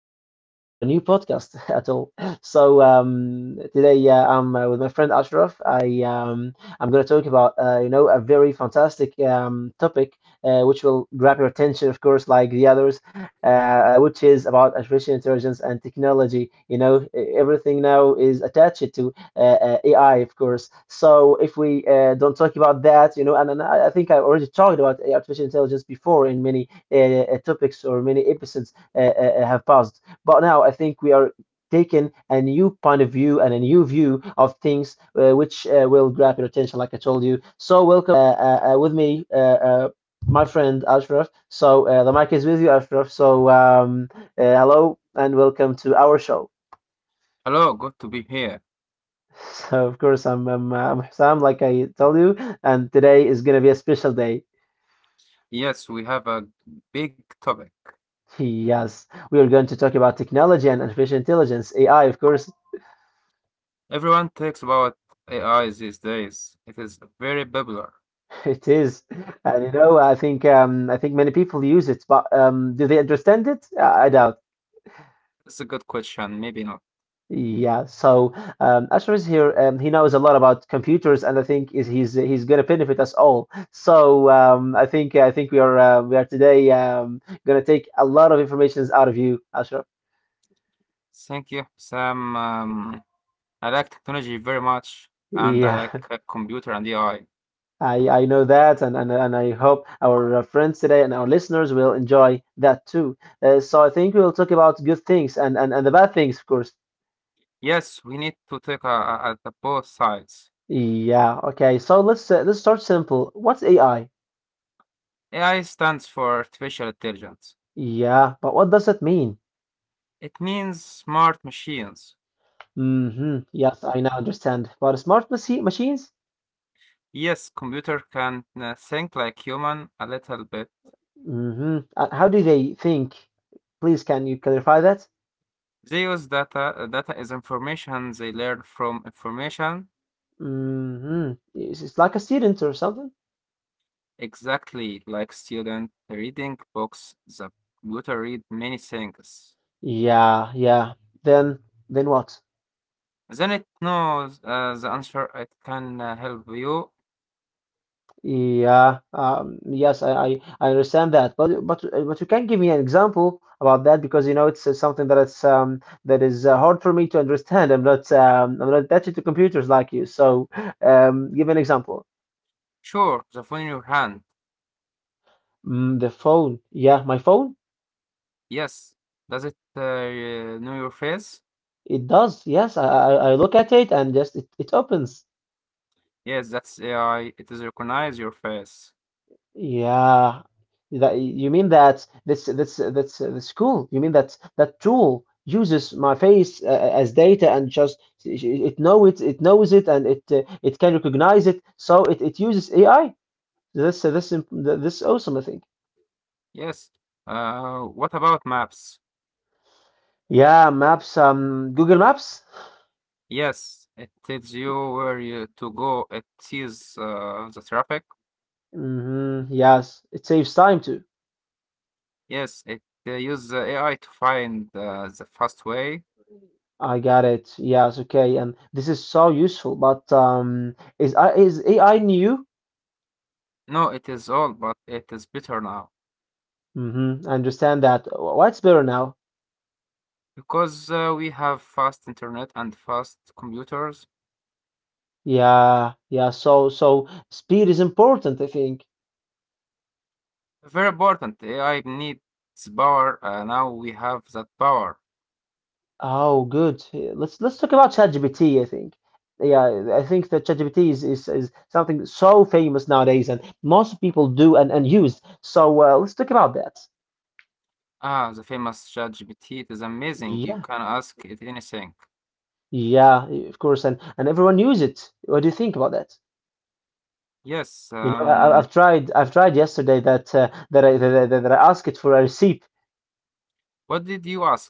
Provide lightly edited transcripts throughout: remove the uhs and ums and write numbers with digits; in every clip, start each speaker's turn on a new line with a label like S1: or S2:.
S1: episode or a new podcast at all. Today I'm with my friend Ashraf. I'm going to talk about a very fantastic topic which will grab your attention, of course, like the others, which is about artificial intelligence and technology. You know, everything now is attached to AI, of course. So if we don't talk about that, and I think I already talked about artificial intelligence before in many topics or many episodes have passed. But now I think we are taking a new point of view and a new view of things which will grab your attention, like I told you. So welcome with me. My friend Ashraf. So the mic is with you, Ashraf. Hello and welcome to our show.
S2: Hello, good to be here.
S1: So of course I'm Sam, like I told you, and today is gonna be a special day.
S2: Yes, we have a big topic.
S1: Yes, we are going to talk about technology and artificial intelligence, AI, of course.
S2: Everyone talks about AI these days. It is very popular.
S1: It is, and you know, I think many people use it, but do they understand it? I doubt.
S2: It's a good question, maybe not.
S1: Yeah. Asher is here. He knows a lot about computers, and I think is he's going to benefit us all. I think we are today going to take a lot of informations out of you, Asher.
S2: Thank you, Sam. I like technology very much, and I
S1: Yeah,
S2: like computer and AI.
S1: I know that, and I hope our friends today and our listeners will enjoy that too. So I think we'll talk about good things and the bad things, of course.
S2: Yes, we need to take at the both sides.
S1: Yeah, okay. So let's start simple. What's AI?
S2: AI stands for artificial intelligence.
S1: Yeah, but what does that mean?
S2: It means smart machines.
S1: Mm-hmm. Yes, I now understand. But machines?
S2: Yes, computer can think like human a little bit.
S1: Mm-hmm. How do they think? Please, can you clarify that?
S2: They use data. Data is information. They learn from information.
S1: Mm-hmm. It's like a student or something?
S2: Exactly like student reading books. The computer read many things.
S1: Yeah, yeah. Then then what?
S2: Then it knows the answer. It can help you.
S1: Yeah, yes, I understand that, but you can give me an example about that, because you know it's something that is hard for me to understand. I'm not attached to computers like you, so give an example.
S2: Sure, the phone in your hand.
S1: Mm, the phone, yeah, my phone,
S2: Yes. Does it know your face?
S1: it does. Yes, I look at it and it opens.
S2: Yes, that's AI. It is recognize your face.
S1: Yeah, that you mean that this the school? You mean that that tool uses my face as data and just it knows it and it can recognize it, so it uses AI. This awesome, I think.
S2: Yes. What about maps?
S1: Yeah, maps. Google Maps.
S2: Yes, it tells you where you to go. It sees the traffic.
S1: Hmm. Yes, it saves time too.
S2: Yes, it they use the AI to find the fast way.
S1: I got it. Yes, okay, and this is so useful. But is I is AI new?
S2: No, it is all, but it is better now
S1: Mm-hmm. I understand that. What's better now?
S2: because we have fast internet and fast computers.
S1: Yeah, yeah. So, so speed is important, I think.
S2: Very important. AI needs power. Now we have that power.
S1: Oh, good. Yeah, let's talk about ChatGPT, I think. Yeah, I think that ChatGPT is something so famous nowadays, and most people do and use. So let's talk about that.
S2: Ah, the famous ChatGPT. It is amazing. You
S1: Yeah,
S2: can ask it anything.
S1: yeah, of course, and everyone use it. What do you think about that?
S2: Yes.
S1: You know, I've tried yesterday that I asked it for a receipt.
S2: What did you ask?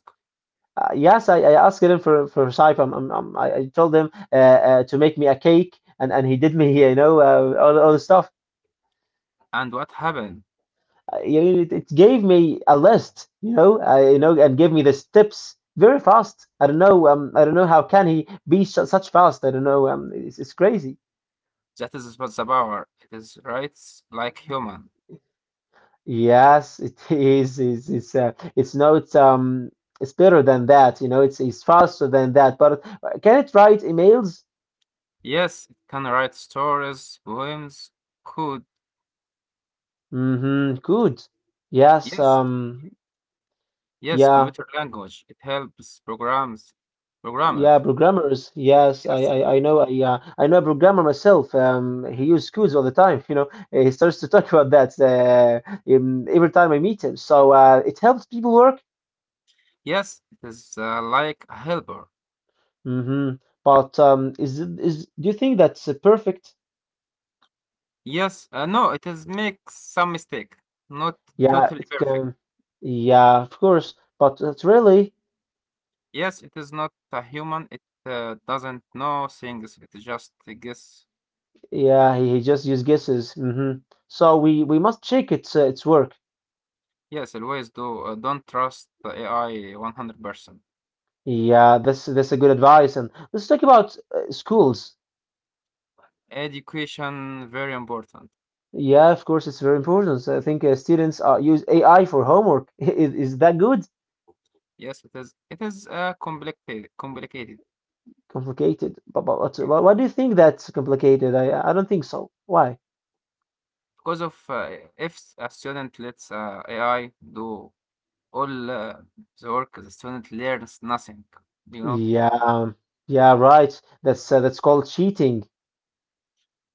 S1: I asked him for Saif. I told him to make me a cake, and he did me, you know, all the stuff.
S2: And what happened?
S1: It gave me a list, and gave me the tips very fast. I don't know how can he be su such fast. I don't know, It's crazy.
S2: That is what the power. It is rights like human.
S1: Yes, it is. It's not it's better than that, you know. It's faster than that. But can it write emails?
S2: Yes, it can write stories, poems, code.
S1: Mm-hmm. Good. Yes.
S2: Yes, yes,
S1: Yeah,
S2: computer language. It helps programs,
S1: yeah,
S2: programmers.
S1: programmers. Yes,
S2: Yes,
S1: I know. I know a programmer myself. He uses codes all the time. You know, he starts to talk about that every time I meet him. So it helps people work.
S2: yes, it is like a helper.
S1: Hmm. But is it is do you think that's perfect?
S2: Yes, no, it is makes some mistake, not
S1: Yeah,
S2: totally
S1: it
S2: perfect.
S1: can. Yeah, of course. But it's really,
S2: Yes, it is not a human. It doesn't know things. It just guess.
S1: yeah, he just uses guesses. Hmm. So we must check its work.
S2: Yes, always do. Don't trust the AI 100%.
S1: Yeah, that's a good advice. And let's talk about schools.
S2: Education very important.
S1: Yeah, of course, it's very important. So I think students use AI for homework. Is that good?
S2: Yes, it is. It is complicated.
S1: Complicated. But what's,
S2: Yes.
S1: why do you think that's complicated? I don't think so. Why?
S2: Because of if a student lets AI do all the work, the student learns nothing. You know,
S1: Yeah, um, yeah, right. That's called cheating.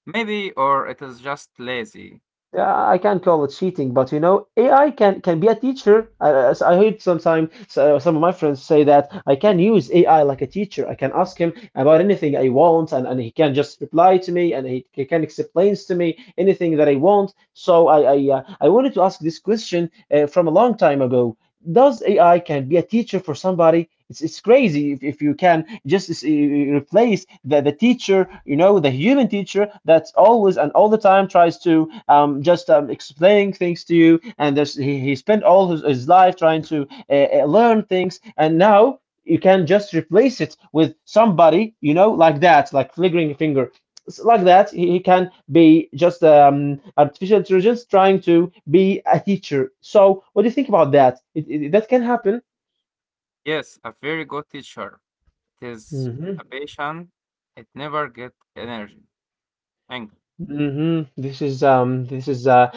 S2: maybe or it is just lazy.
S1: Yeah, I can't call it cheating, but you know, AI can be a teacher. I heard sometime some of my friends say that I can use AI like a teacher. I can ask him about anything I want, and he can just reply to me, and he can explains to me anything that I want. So I wanted to ask this question from a long time ago, does AI can be a teacher for somebody? It's crazy if you can just replace the teacher, you know, the human teacher that's always and all the time tries to just explaining things to you. And there's, he spent all his life trying to learn things. And now you can just replace it with somebody, you know, like that, like flickering a finger, like that he can be just artificial intelligence trying to be a teacher. So what do you think about that? That can happen?
S2: Yes, a very good teacher. It is
S1: Hmm.
S2: a patient. It never get energy, angry.
S1: Hmm. This is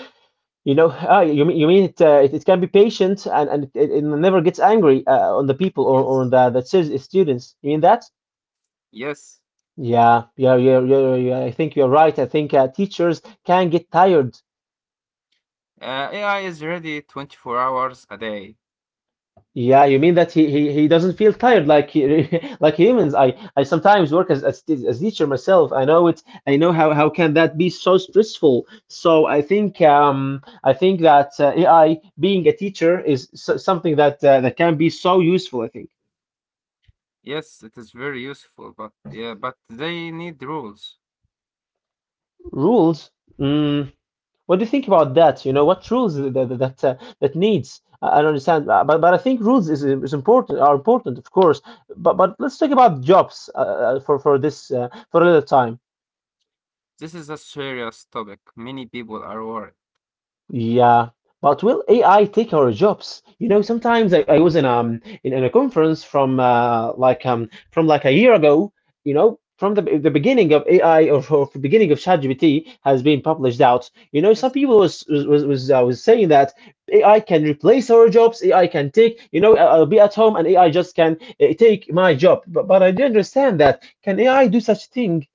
S1: You know, ah, you mean it, it can be patient, and it never gets angry on the people or on
S2: Yes,
S1: the students. You mean that?
S2: yes.
S1: Yeah, yeah, yeah, yeah, yeah. I think you're right. I think teachers can get tired.
S2: AI is ready 24 hours a day.
S1: Yeah, you mean that he he doesn't feel tired like he, like humans. I sometimes work as as teacher myself. I know it. I know how can that be so stressful. So I think that AI being a teacher is something that that can be so useful. I think
S2: Yes, it is very useful, but yeah, but they need rules.
S1: rules. Mm, what do you think about that? You know, what rules that needs? I don't understand. But I think rules is important are important, of course. But let's talk about jobs for this for a little time.
S2: This is a serious topic. Many people are worried.
S1: Yeah, but will AI take our jobs? You know, sometimes I was in a conference from from like a year ago, you know, from the beginning of AI, or the beginning of ChatGPT has been published out. You know, some
S2: Yes.
S1: people was saying that AI can replace our jobs. AI can take, you know, I'll be at home and AI just can take my job. But I do understand that. Can AI do such thing?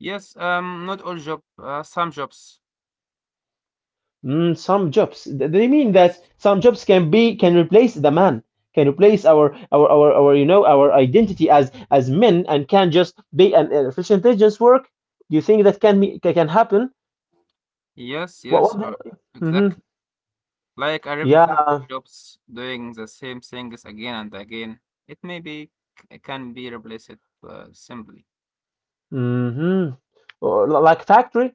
S2: Yes, not all job, some jobs.
S1: Mm, some jobs. They mean that
S2: Yes.
S1: some jobs can be can replace the man, can replace our, you know, our identity as men, and can just be an artificial intelligence work. Do you think that can happen?
S2: Yes, yes,
S1: What? what.
S2: or
S1: Hmm.
S2: exactly. Like a repetitive
S1: Yeah.
S2: jobs doing the same things again and again. It may be it can be replaced simply.
S1: Hmm. Or, like factory.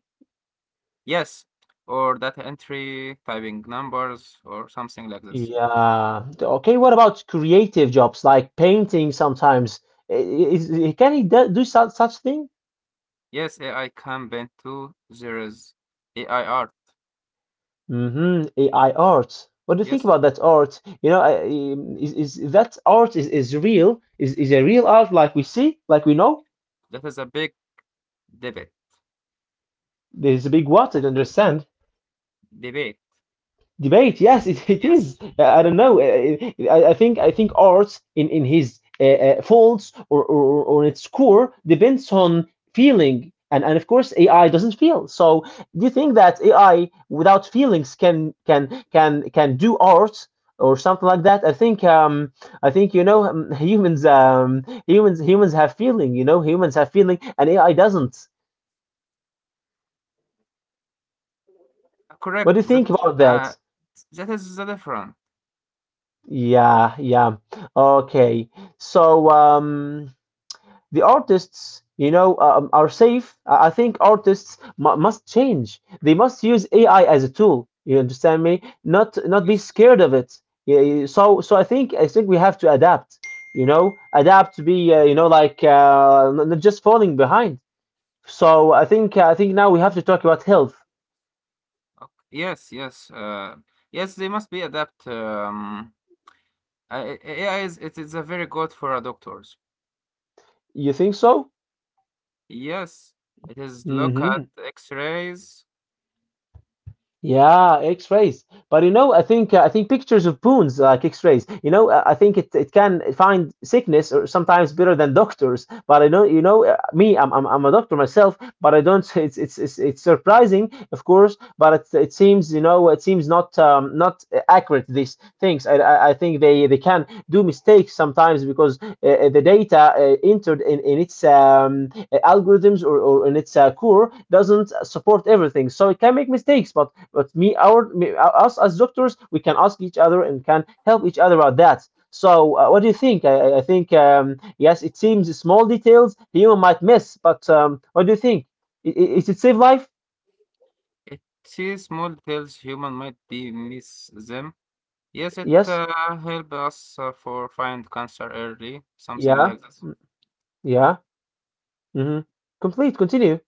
S2: Yes, or data entry, typing numbers, or something like this.
S1: Yeah. Okay. What about creative jobs like painting? Sometimes I- i- is, can he do, do such such thing?
S2: Yes, AI can bend too. There is AI art.
S1: Mm-hmm. AI art. What do you think
S2: Yes,
S1: about that art? You know, I, Is that art is real? Is a real art like we see, like we know?
S2: that is a big debate.
S1: There's a big what? I don't understand.
S2: Debate.
S1: Debate, yes, it
S2: Yes.
S1: is. I don't know. I think art in his faults, or or its core depends on feeling, and of course AI doesn't feel. So do you think that AI without feelings can do art or something like that? I think you know humans humans have feeling. You know humans have feeling, and AI doesn't. What
S2: Correct.
S1: do you think about that?
S2: That is the different.
S1: Yeah, yeah. Okay. So, the artists, are safe. I think artists mu must change. They must use AI as a tool. You understand me? Not be
S2: Yes.
S1: scared of it. Yeah, yeah. So, I think we have to adapt. You know, adapt to be, you know, like not just falling behind. So I think now we have to talk about health.
S2: Okay. Yes. Yes. They must be adapt. AI is it is a very good for doctors.
S1: You think so?
S2: Yes. It is look at
S1: Hmm.
S2: X-rays.
S1: Yeah, X-rays. But you know, I think pictures of bones, like X-rays. You know, I think it can find sickness or sometimes better than doctors. But I don't, me, I'm a doctor myself, but I don't. It's surprising, of course, but it seems, it seems not accurate. These things, I think they can do mistakes sometimes because the data entered in its algorithms or in its core doesn't support everything, so it can make mistakes. But us as doctors, we can ask each other and can help each other about that. So what do you think? I think yes, it seems small details human might miss, but what do you think? Is it save life?
S2: It sees small details human might be miss them. Yes. It
S1: Yes.
S2: help us for find cancer early. Something
S1: Yeah.
S2: like that.
S1: Mm, yeah. Hmm. Complete, continue.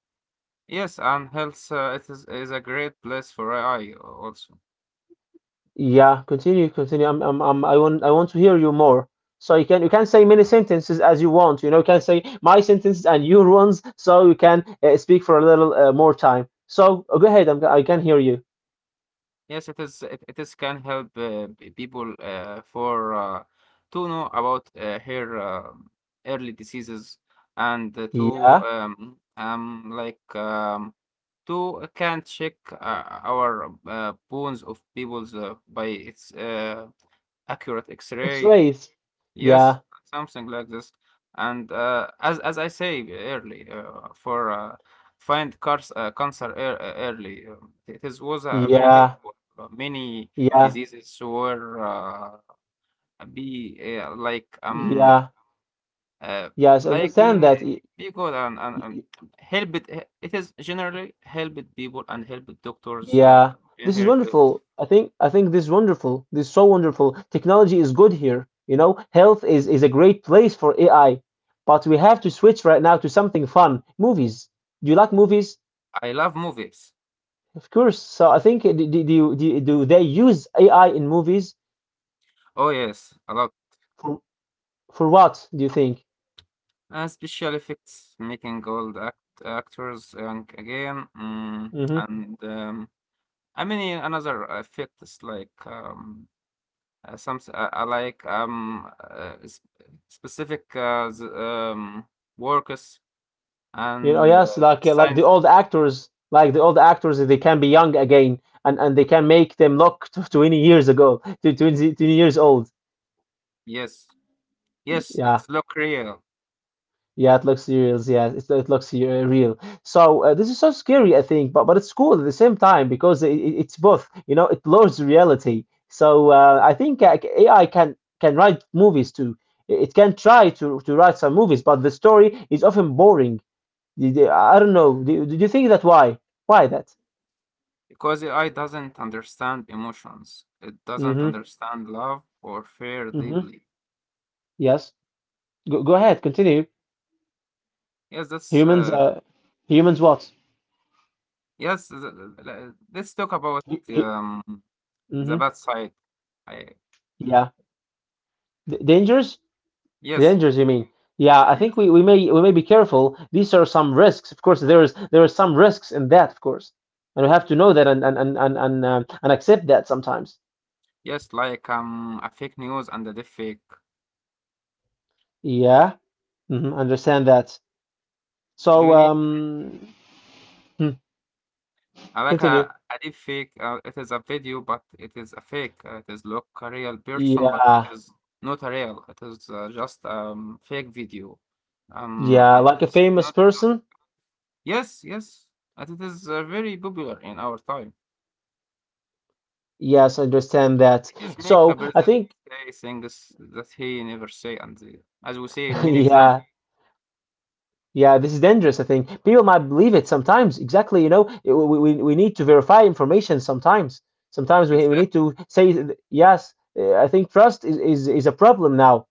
S2: Yes, and health it is a great place for AI also.
S1: Yeah, continue, continue. I want to hear you more. So you can say many sentences as you want. You know, you can say my sentences and your ones, so you can speak for a little more time. So go ahead. I'm, I can hear you.
S2: Yes, it is. It is can help people for to know about her early diseases and
S1: Yeah,
S2: to can check our bones of people's by its accurate X-ray.
S1: X-rays.
S2: Yes,
S1: Yeah,
S2: something like this. And as I say early, for find cars cancer early, it is was very
S1: yeah,
S2: helpful. Many
S1: yeah,
S2: diseases were be
S1: yeah.
S2: uh,
S1: Yes,
S2: like
S1: understand
S2: being
S1: that.
S2: be good and
S1: Y-
S2: help it. It is generally helped people and helped doctors
S1: Yeah,
S2: in
S1: this is
S2: her field.
S1: wonderful. I think this is wonderful. This is so wonderful. Technology is good here. You know, health is a great place for AI, but we have to switch right now to something fun. Movies. Do you like movies?
S2: I love movies.
S1: Of course. So I think do they use AI in movies
S2: Oh yes, a lot.
S1: for for what do you think?
S2: Special effects, making old act actors young again, mm,
S1: Mm-hmm.
S2: and I mean yeah, another effects like some s- like s- specific workers
S1: You know,
S2: and
S1: yes, like the
S2: science.
S1: old actors, like the old actors, they can be young again, and they can make them look 20 years ago, to 20 20 years old.
S2: Yes, yes,
S1: Yeah.
S2: it's look real
S1: Yeah, it looks serious. Yeah, it looks real. So this is so scary, I think, but it's cool at the same time because it's both. You know, it blurs reality. So I think AI can write movies too. It can try to write some movies, but the story is often boring. I don't know. Do you think that why? Why that?
S2: because AI doesn't understand emotions. It doesn't
S1: Mm-hmm.
S2: understand love or fear
S1: Mm-hmm.
S2: deeply.
S1: Yes. Go, go ahead. Continue.
S2: Yes, that's
S1: Humans. Humans. What?
S2: Yes, th- th- th- let's talk about um, the
S1: Mm-hmm.
S2: bad side. I,
S1: Yeah. D dangerous. The
S2: yes,
S1: dangers, you mean? Yeah, I
S2: yes,
S1: think we may be careful. These are some risks. Of course, there are some risks in that, of course, and we have to know that and and accept that sometimes.
S2: yes, like a fake news and a deep fake.
S1: Yeah, hmm, understand that.
S2: Do
S1: So,
S2: you need
S1: hmm, continue.
S2: a deep fake? It is a video, but it is a fake. It is look a real person, but it
S1: Yeah,
S2: is not a real. It is just fake video.
S1: yeah,
S2: And
S1: like a
S2: it's
S1: famous
S2: not good.
S1: person.
S2: Yes, and it is very popular in our time.
S1: Yes, I understand that.
S2: His
S1: So
S2: makeup
S1: I
S2: doesn't
S1: think,
S2: say things that he never say, and as we see many examples.
S1: yeah, yeah, this is dangerous, I think. People might believe it sometimes. Exactly, you know, we need to verify information sometimes. Sometimes we need
S2: Exactly.
S1: to say, yes, I think trust is a problem now.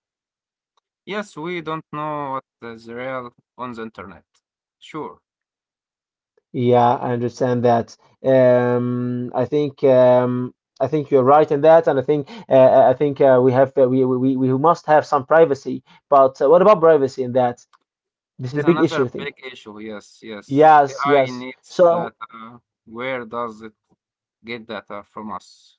S2: Yes, we don't know what is real on the internet. Sure,
S1: Yeah, I understand that. Um, I think um, I think you're right in that, and I think we, we must have some privacy. But what about privacy in that? This
S2: it
S1: is a
S2: is
S1: big issue,
S2: another
S1: I think.
S2: big issue. Yes,
S1: Yes,
S2: AI
S1: yes.
S2: needs
S1: So.
S2: data. Where does it get data from us?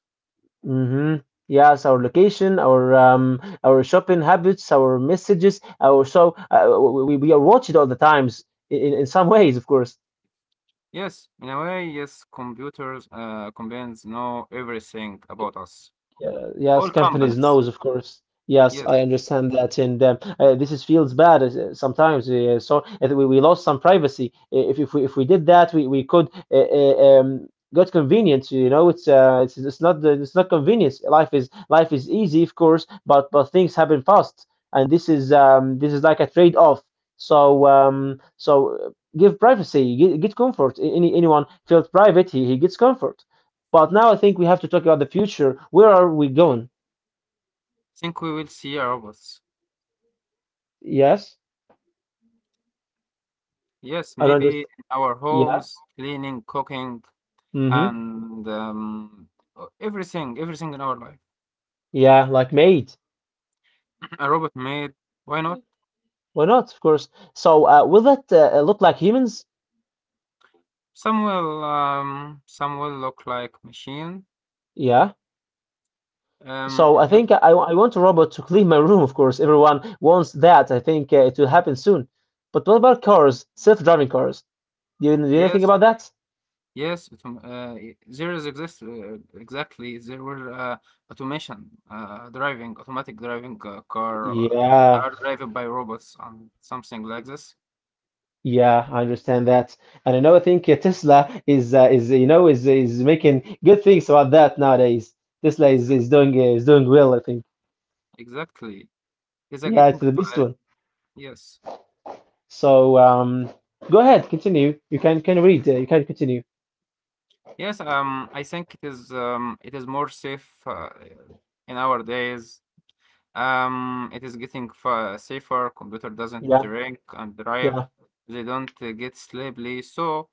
S1: Mm-hmm. Yes, our location, our shopping habits, our messages, our so we are watched all the times in some ways, of course.
S2: Yes, in a way, yes, companies know everything about us.
S1: Yeah, yes,
S2: All
S1: companies
S2: companies.
S1: knows, of course. Yes, I
S2: Yes,
S1: understand that, and this is feels bad sometimes. So we lost some privacy. If we did that, we could got convenience. You know, it's not convenience. Life is easy, of course, but things happen fast, and this is like a trade off. So give privacy, get comfort. Any anyone feels private, he gets comfort. But now I think we have to talk about the future. Where are we going?
S2: think we will see robots.
S1: Yes,
S2: Yes,
S1: I don't
S2: maybe
S1: understand.
S2: in our
S1: Yeah.
S2: homes, cleaning, cooking,
S1: Mm-hmm.
S2: and everything, everything in our life.
S1: Yeah, like mate.
S2: A robot made, why not?
S1: Why not? Of course. So, will that look like humans?
S2: Some will look like machine.
S1: Yeah. So
S2: Um,
S1: I
S2: ev-
S1: think I want a robot to clean my room. Of course, everyone wants that. I think it will happen soon. But what about cars? Self-driving cars? Do you know anything
S2: yes,
S1: about that?
S2: there is exist exactly. There were automation, automatic driving car
S1: Yeah.
S2: are driven by robots and something like this.
S1: Yeah, I understand that, and I know I think Tesla is you know is making good things about that nowadays. Tesla
S2: Exactly,
S1: is doing well, I think.
S2: exactly. Is that
S1: Yeah, it's
S2: getting?
S1: the best one.
S2: Yes.
S1: So go ahead, continue. You can read. You can continue.
S2: Yes, I think it is more safe in our days. It is getting fa safer. Computer doesn't
S1: Yeah,
S2: drink and drive.
S1: yeah,
S2: They don't get sleepy. So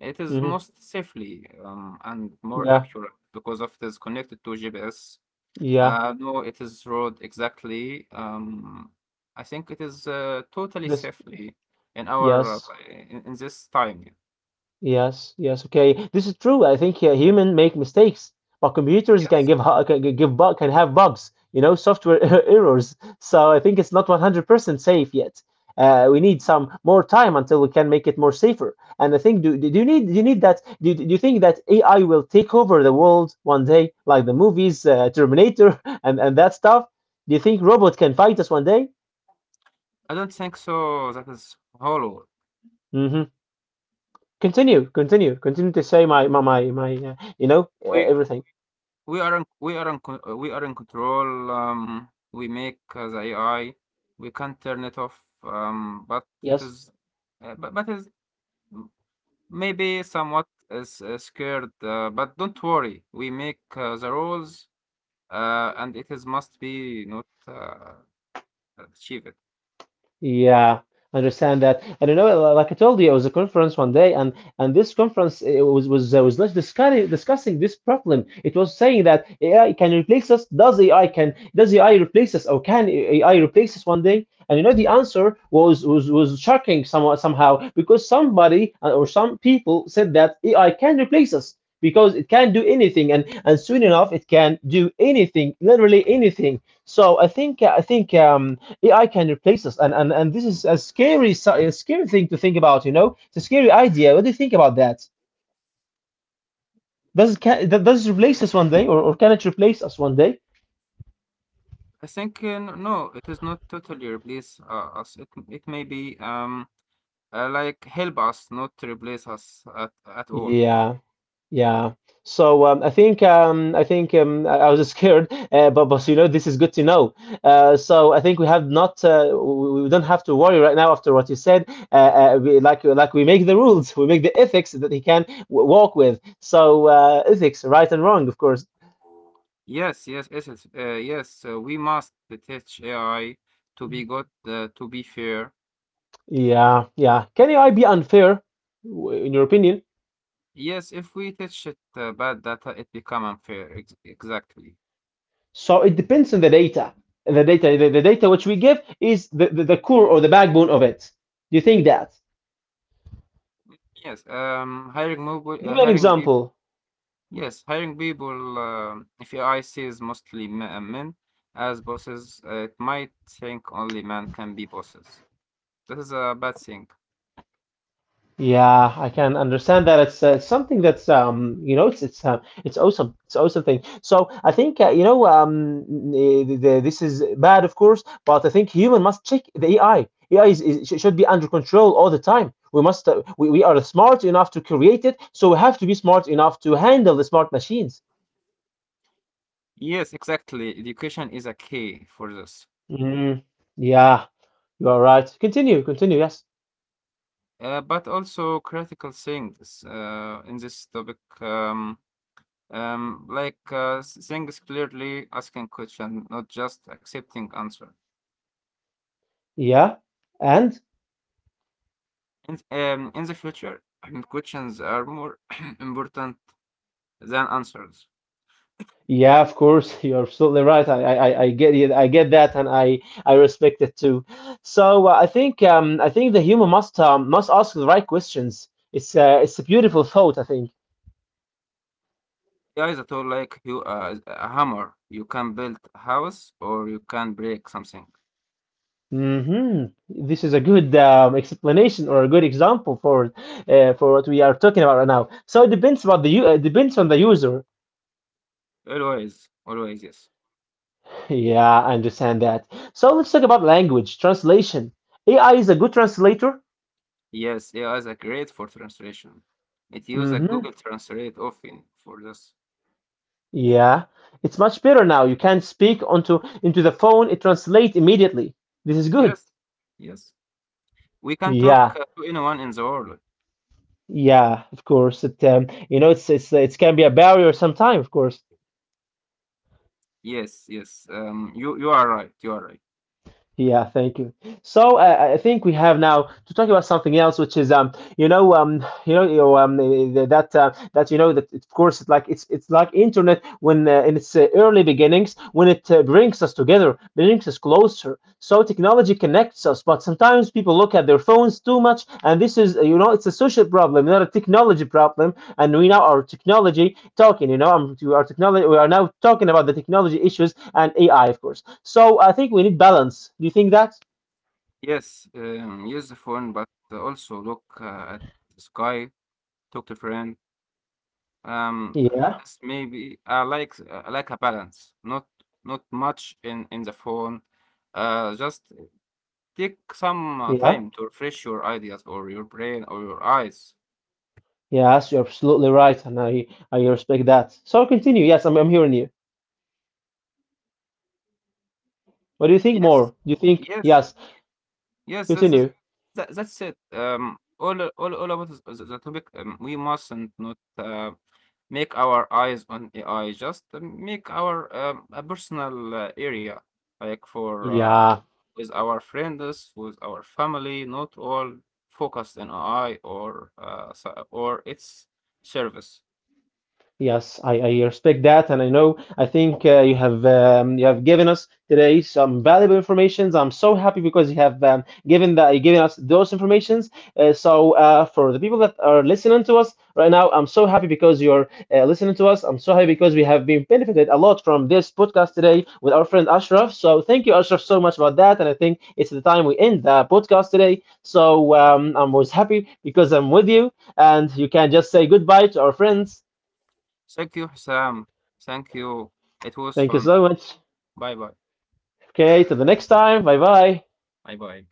S2: it is
S1: hmm,
S2: most safely and more
S1: yeah,
S2: accurate because of it is connected to GPS.
S1: yeah.
S2: No, it is road exactly. I think it is totally
S1: This
S2: safely in our uh,
S1: yes.
S2: in this time.
S1: Yes, yes, okay. This is true. I think human make mistakes, but computers can
S2: Yes.
S1: give can give bug can have bugs, you know, software errors. So I think it's not 100% safe yet. We need some more time until we can make it more safer. And I think do you need that do you think that AI will take over the world one day, like the movies, Terminator and that stuff? Do you think robot can fight us one day?
S2: I don't think so. That is hollow.
S1: Mm-hmm. Continue, continue, continue to say my you know,
S2: We
S1: everything.
S2: we are in we are in control, we make the AI. We can't turn it off, but it
S1: Yes.
S2: is, but is m- maybe somewhat is scared. But don't worry, we make the rules, and it is must be not achieved.
S1: Yeah, understand that. And you know, like I told you, it was a conference one day, and this conference it was discussing this problem. It was saying that AI can replace us. Does AI replace us, or can AI replace us one day? And you know, the answer was shocking somewhat somehow because some people said that AI can replace us because it can do anything, and soon enough it can do anything, literally anything. I think AI can replace us, and this is a scary thing to think about. You know, it's a scary idea. What do you think about that? Does it replace us one day, or can it replace us one day?
S2: I think no, it is not totally replace us. It may be like help us, not replace us at all.
S1: Yeah, yeah. So I was scared, but you know this is good to know. So I think we don't have to worry right now after what you said. Like we make the rules, we make the ethics that he can walk with. So ethics, right and wrong, of course.
S2: Yes, essence. Yes, we must teach AI to be good, to be fair.
S1: Yeah, yeah. Can AI be unfair, in your opinion?
S2: Yes, if we teach it bad data, it become unfair. Ex exactly.
S1: So it depends on the data. The data, the data which we give is the core or the backbone of it. Do you think that?
S2: Yes.
S1: Give me an
S2: Hiring people.
S1: example.
S2: Yes, hiring people. If AI sees mostly men as bosses, it might think only men can be bosses. That is a bad thing.
S1: Yeah, I can understand that. It's something that's you know, it's awesome. It's awesome thing. So I think you know this is bad, of course, but I think human must check the AI. AI should be under control all the time. We must we are smart enough to create it, so we have to be smart enough to handle the smart machines.
S2: Yes, exactly. Education is a key for this.
S1: Mm, yeah, you are right. Continue, continue. Yes.
S2: But also critical things in this topic things clearly asking question not just accepting answer
S1: Yeah. And
S2: in the future questions are more important than answers.
S1: yeah, of course, you're absolutely right. I get it. I get that, and I respect it too. So I think the human must ask the right questions. It's a beautiful thought, I think.
S2: AI is a tool like you a hammer you can build a house or you can break something.
S1: Hmm. This is a good explanation or a good example for what we are talking about right now. So it depends about depends on the user.
S2: Always always yes
S1: Yeah, I understand that. So let's talk about language translation. AI is a good translator.
S2: yes AI is a great for translation it uses a
S1: Hmm.
S2: Google Translate often for this.
S1: Yeah, it's much better now. You can speak onto into the phone. It translates immediately. This is good.
S2: Yes yes. We can talk
S1: Yeah,
S2: to anyone in the world.
S1: yeah, of course. It you know, it's it can be a barrier sometimes, of course.
S2: Yes. You you are right. You are right.
S1: Yeah, thank you. So I think we have now to talk about something else, which is you know, you know, you know, eh, eh, that that you know that of course it's like internet when in its early beginnings when it brings us together, brings us closer. So technology connects us, but sometimes people look at their phones too much, and this is you know it's a social problem, not a technology problem. And we now our technology talking to our technology, we are now talking about the technology issues and AI, of course. So I think we need balance. Do you think that?
S2: Yes, use the phone, but also look at the sky. Talk to friend.
S1: Yeah,
S2: This maybe I like a balance. Not not much in the phone. Just take some
S1: yeah,
S2: time to refresh your ideas or your brain or your eyes.
S1: yes, you're absolutely right, and I respect that. So continue, yes, I'm hearing you. What do you think more?
S2: Yes,
S1: Do you think
S2: yes.
S1: yes,
S2: Yes, that's that's
S1: continue,
S2: that's it. All about the topic. We mustn't not make our eyes on AI. Just make our a personal area, like for
S1: yeah.
S2: with our friends, with our family. Not all focused on AI or or its service.
S1: Yes, I respect that, and I know I think you have given us today some valuable informations. I'm so happy because you have given us those informations. So for the people that are listening to us right now, I'm so happy because you're listening to us. I'm so happy because we have been benefited a lot from this podcast today with our friend Ashraf. So thank you, Ashraf, so much about that, and I think it's the time we end the podcast today. So I was happy because I'm with you, and you can just say goodbye to our friends.
S2: Thank you, Sam. Thank you. It was
S1: Thank you
S2: fun.
S1: so much.
S2: Bye bye.
S1: Okay, till the next time. Bye bye.
S2: Bye bye.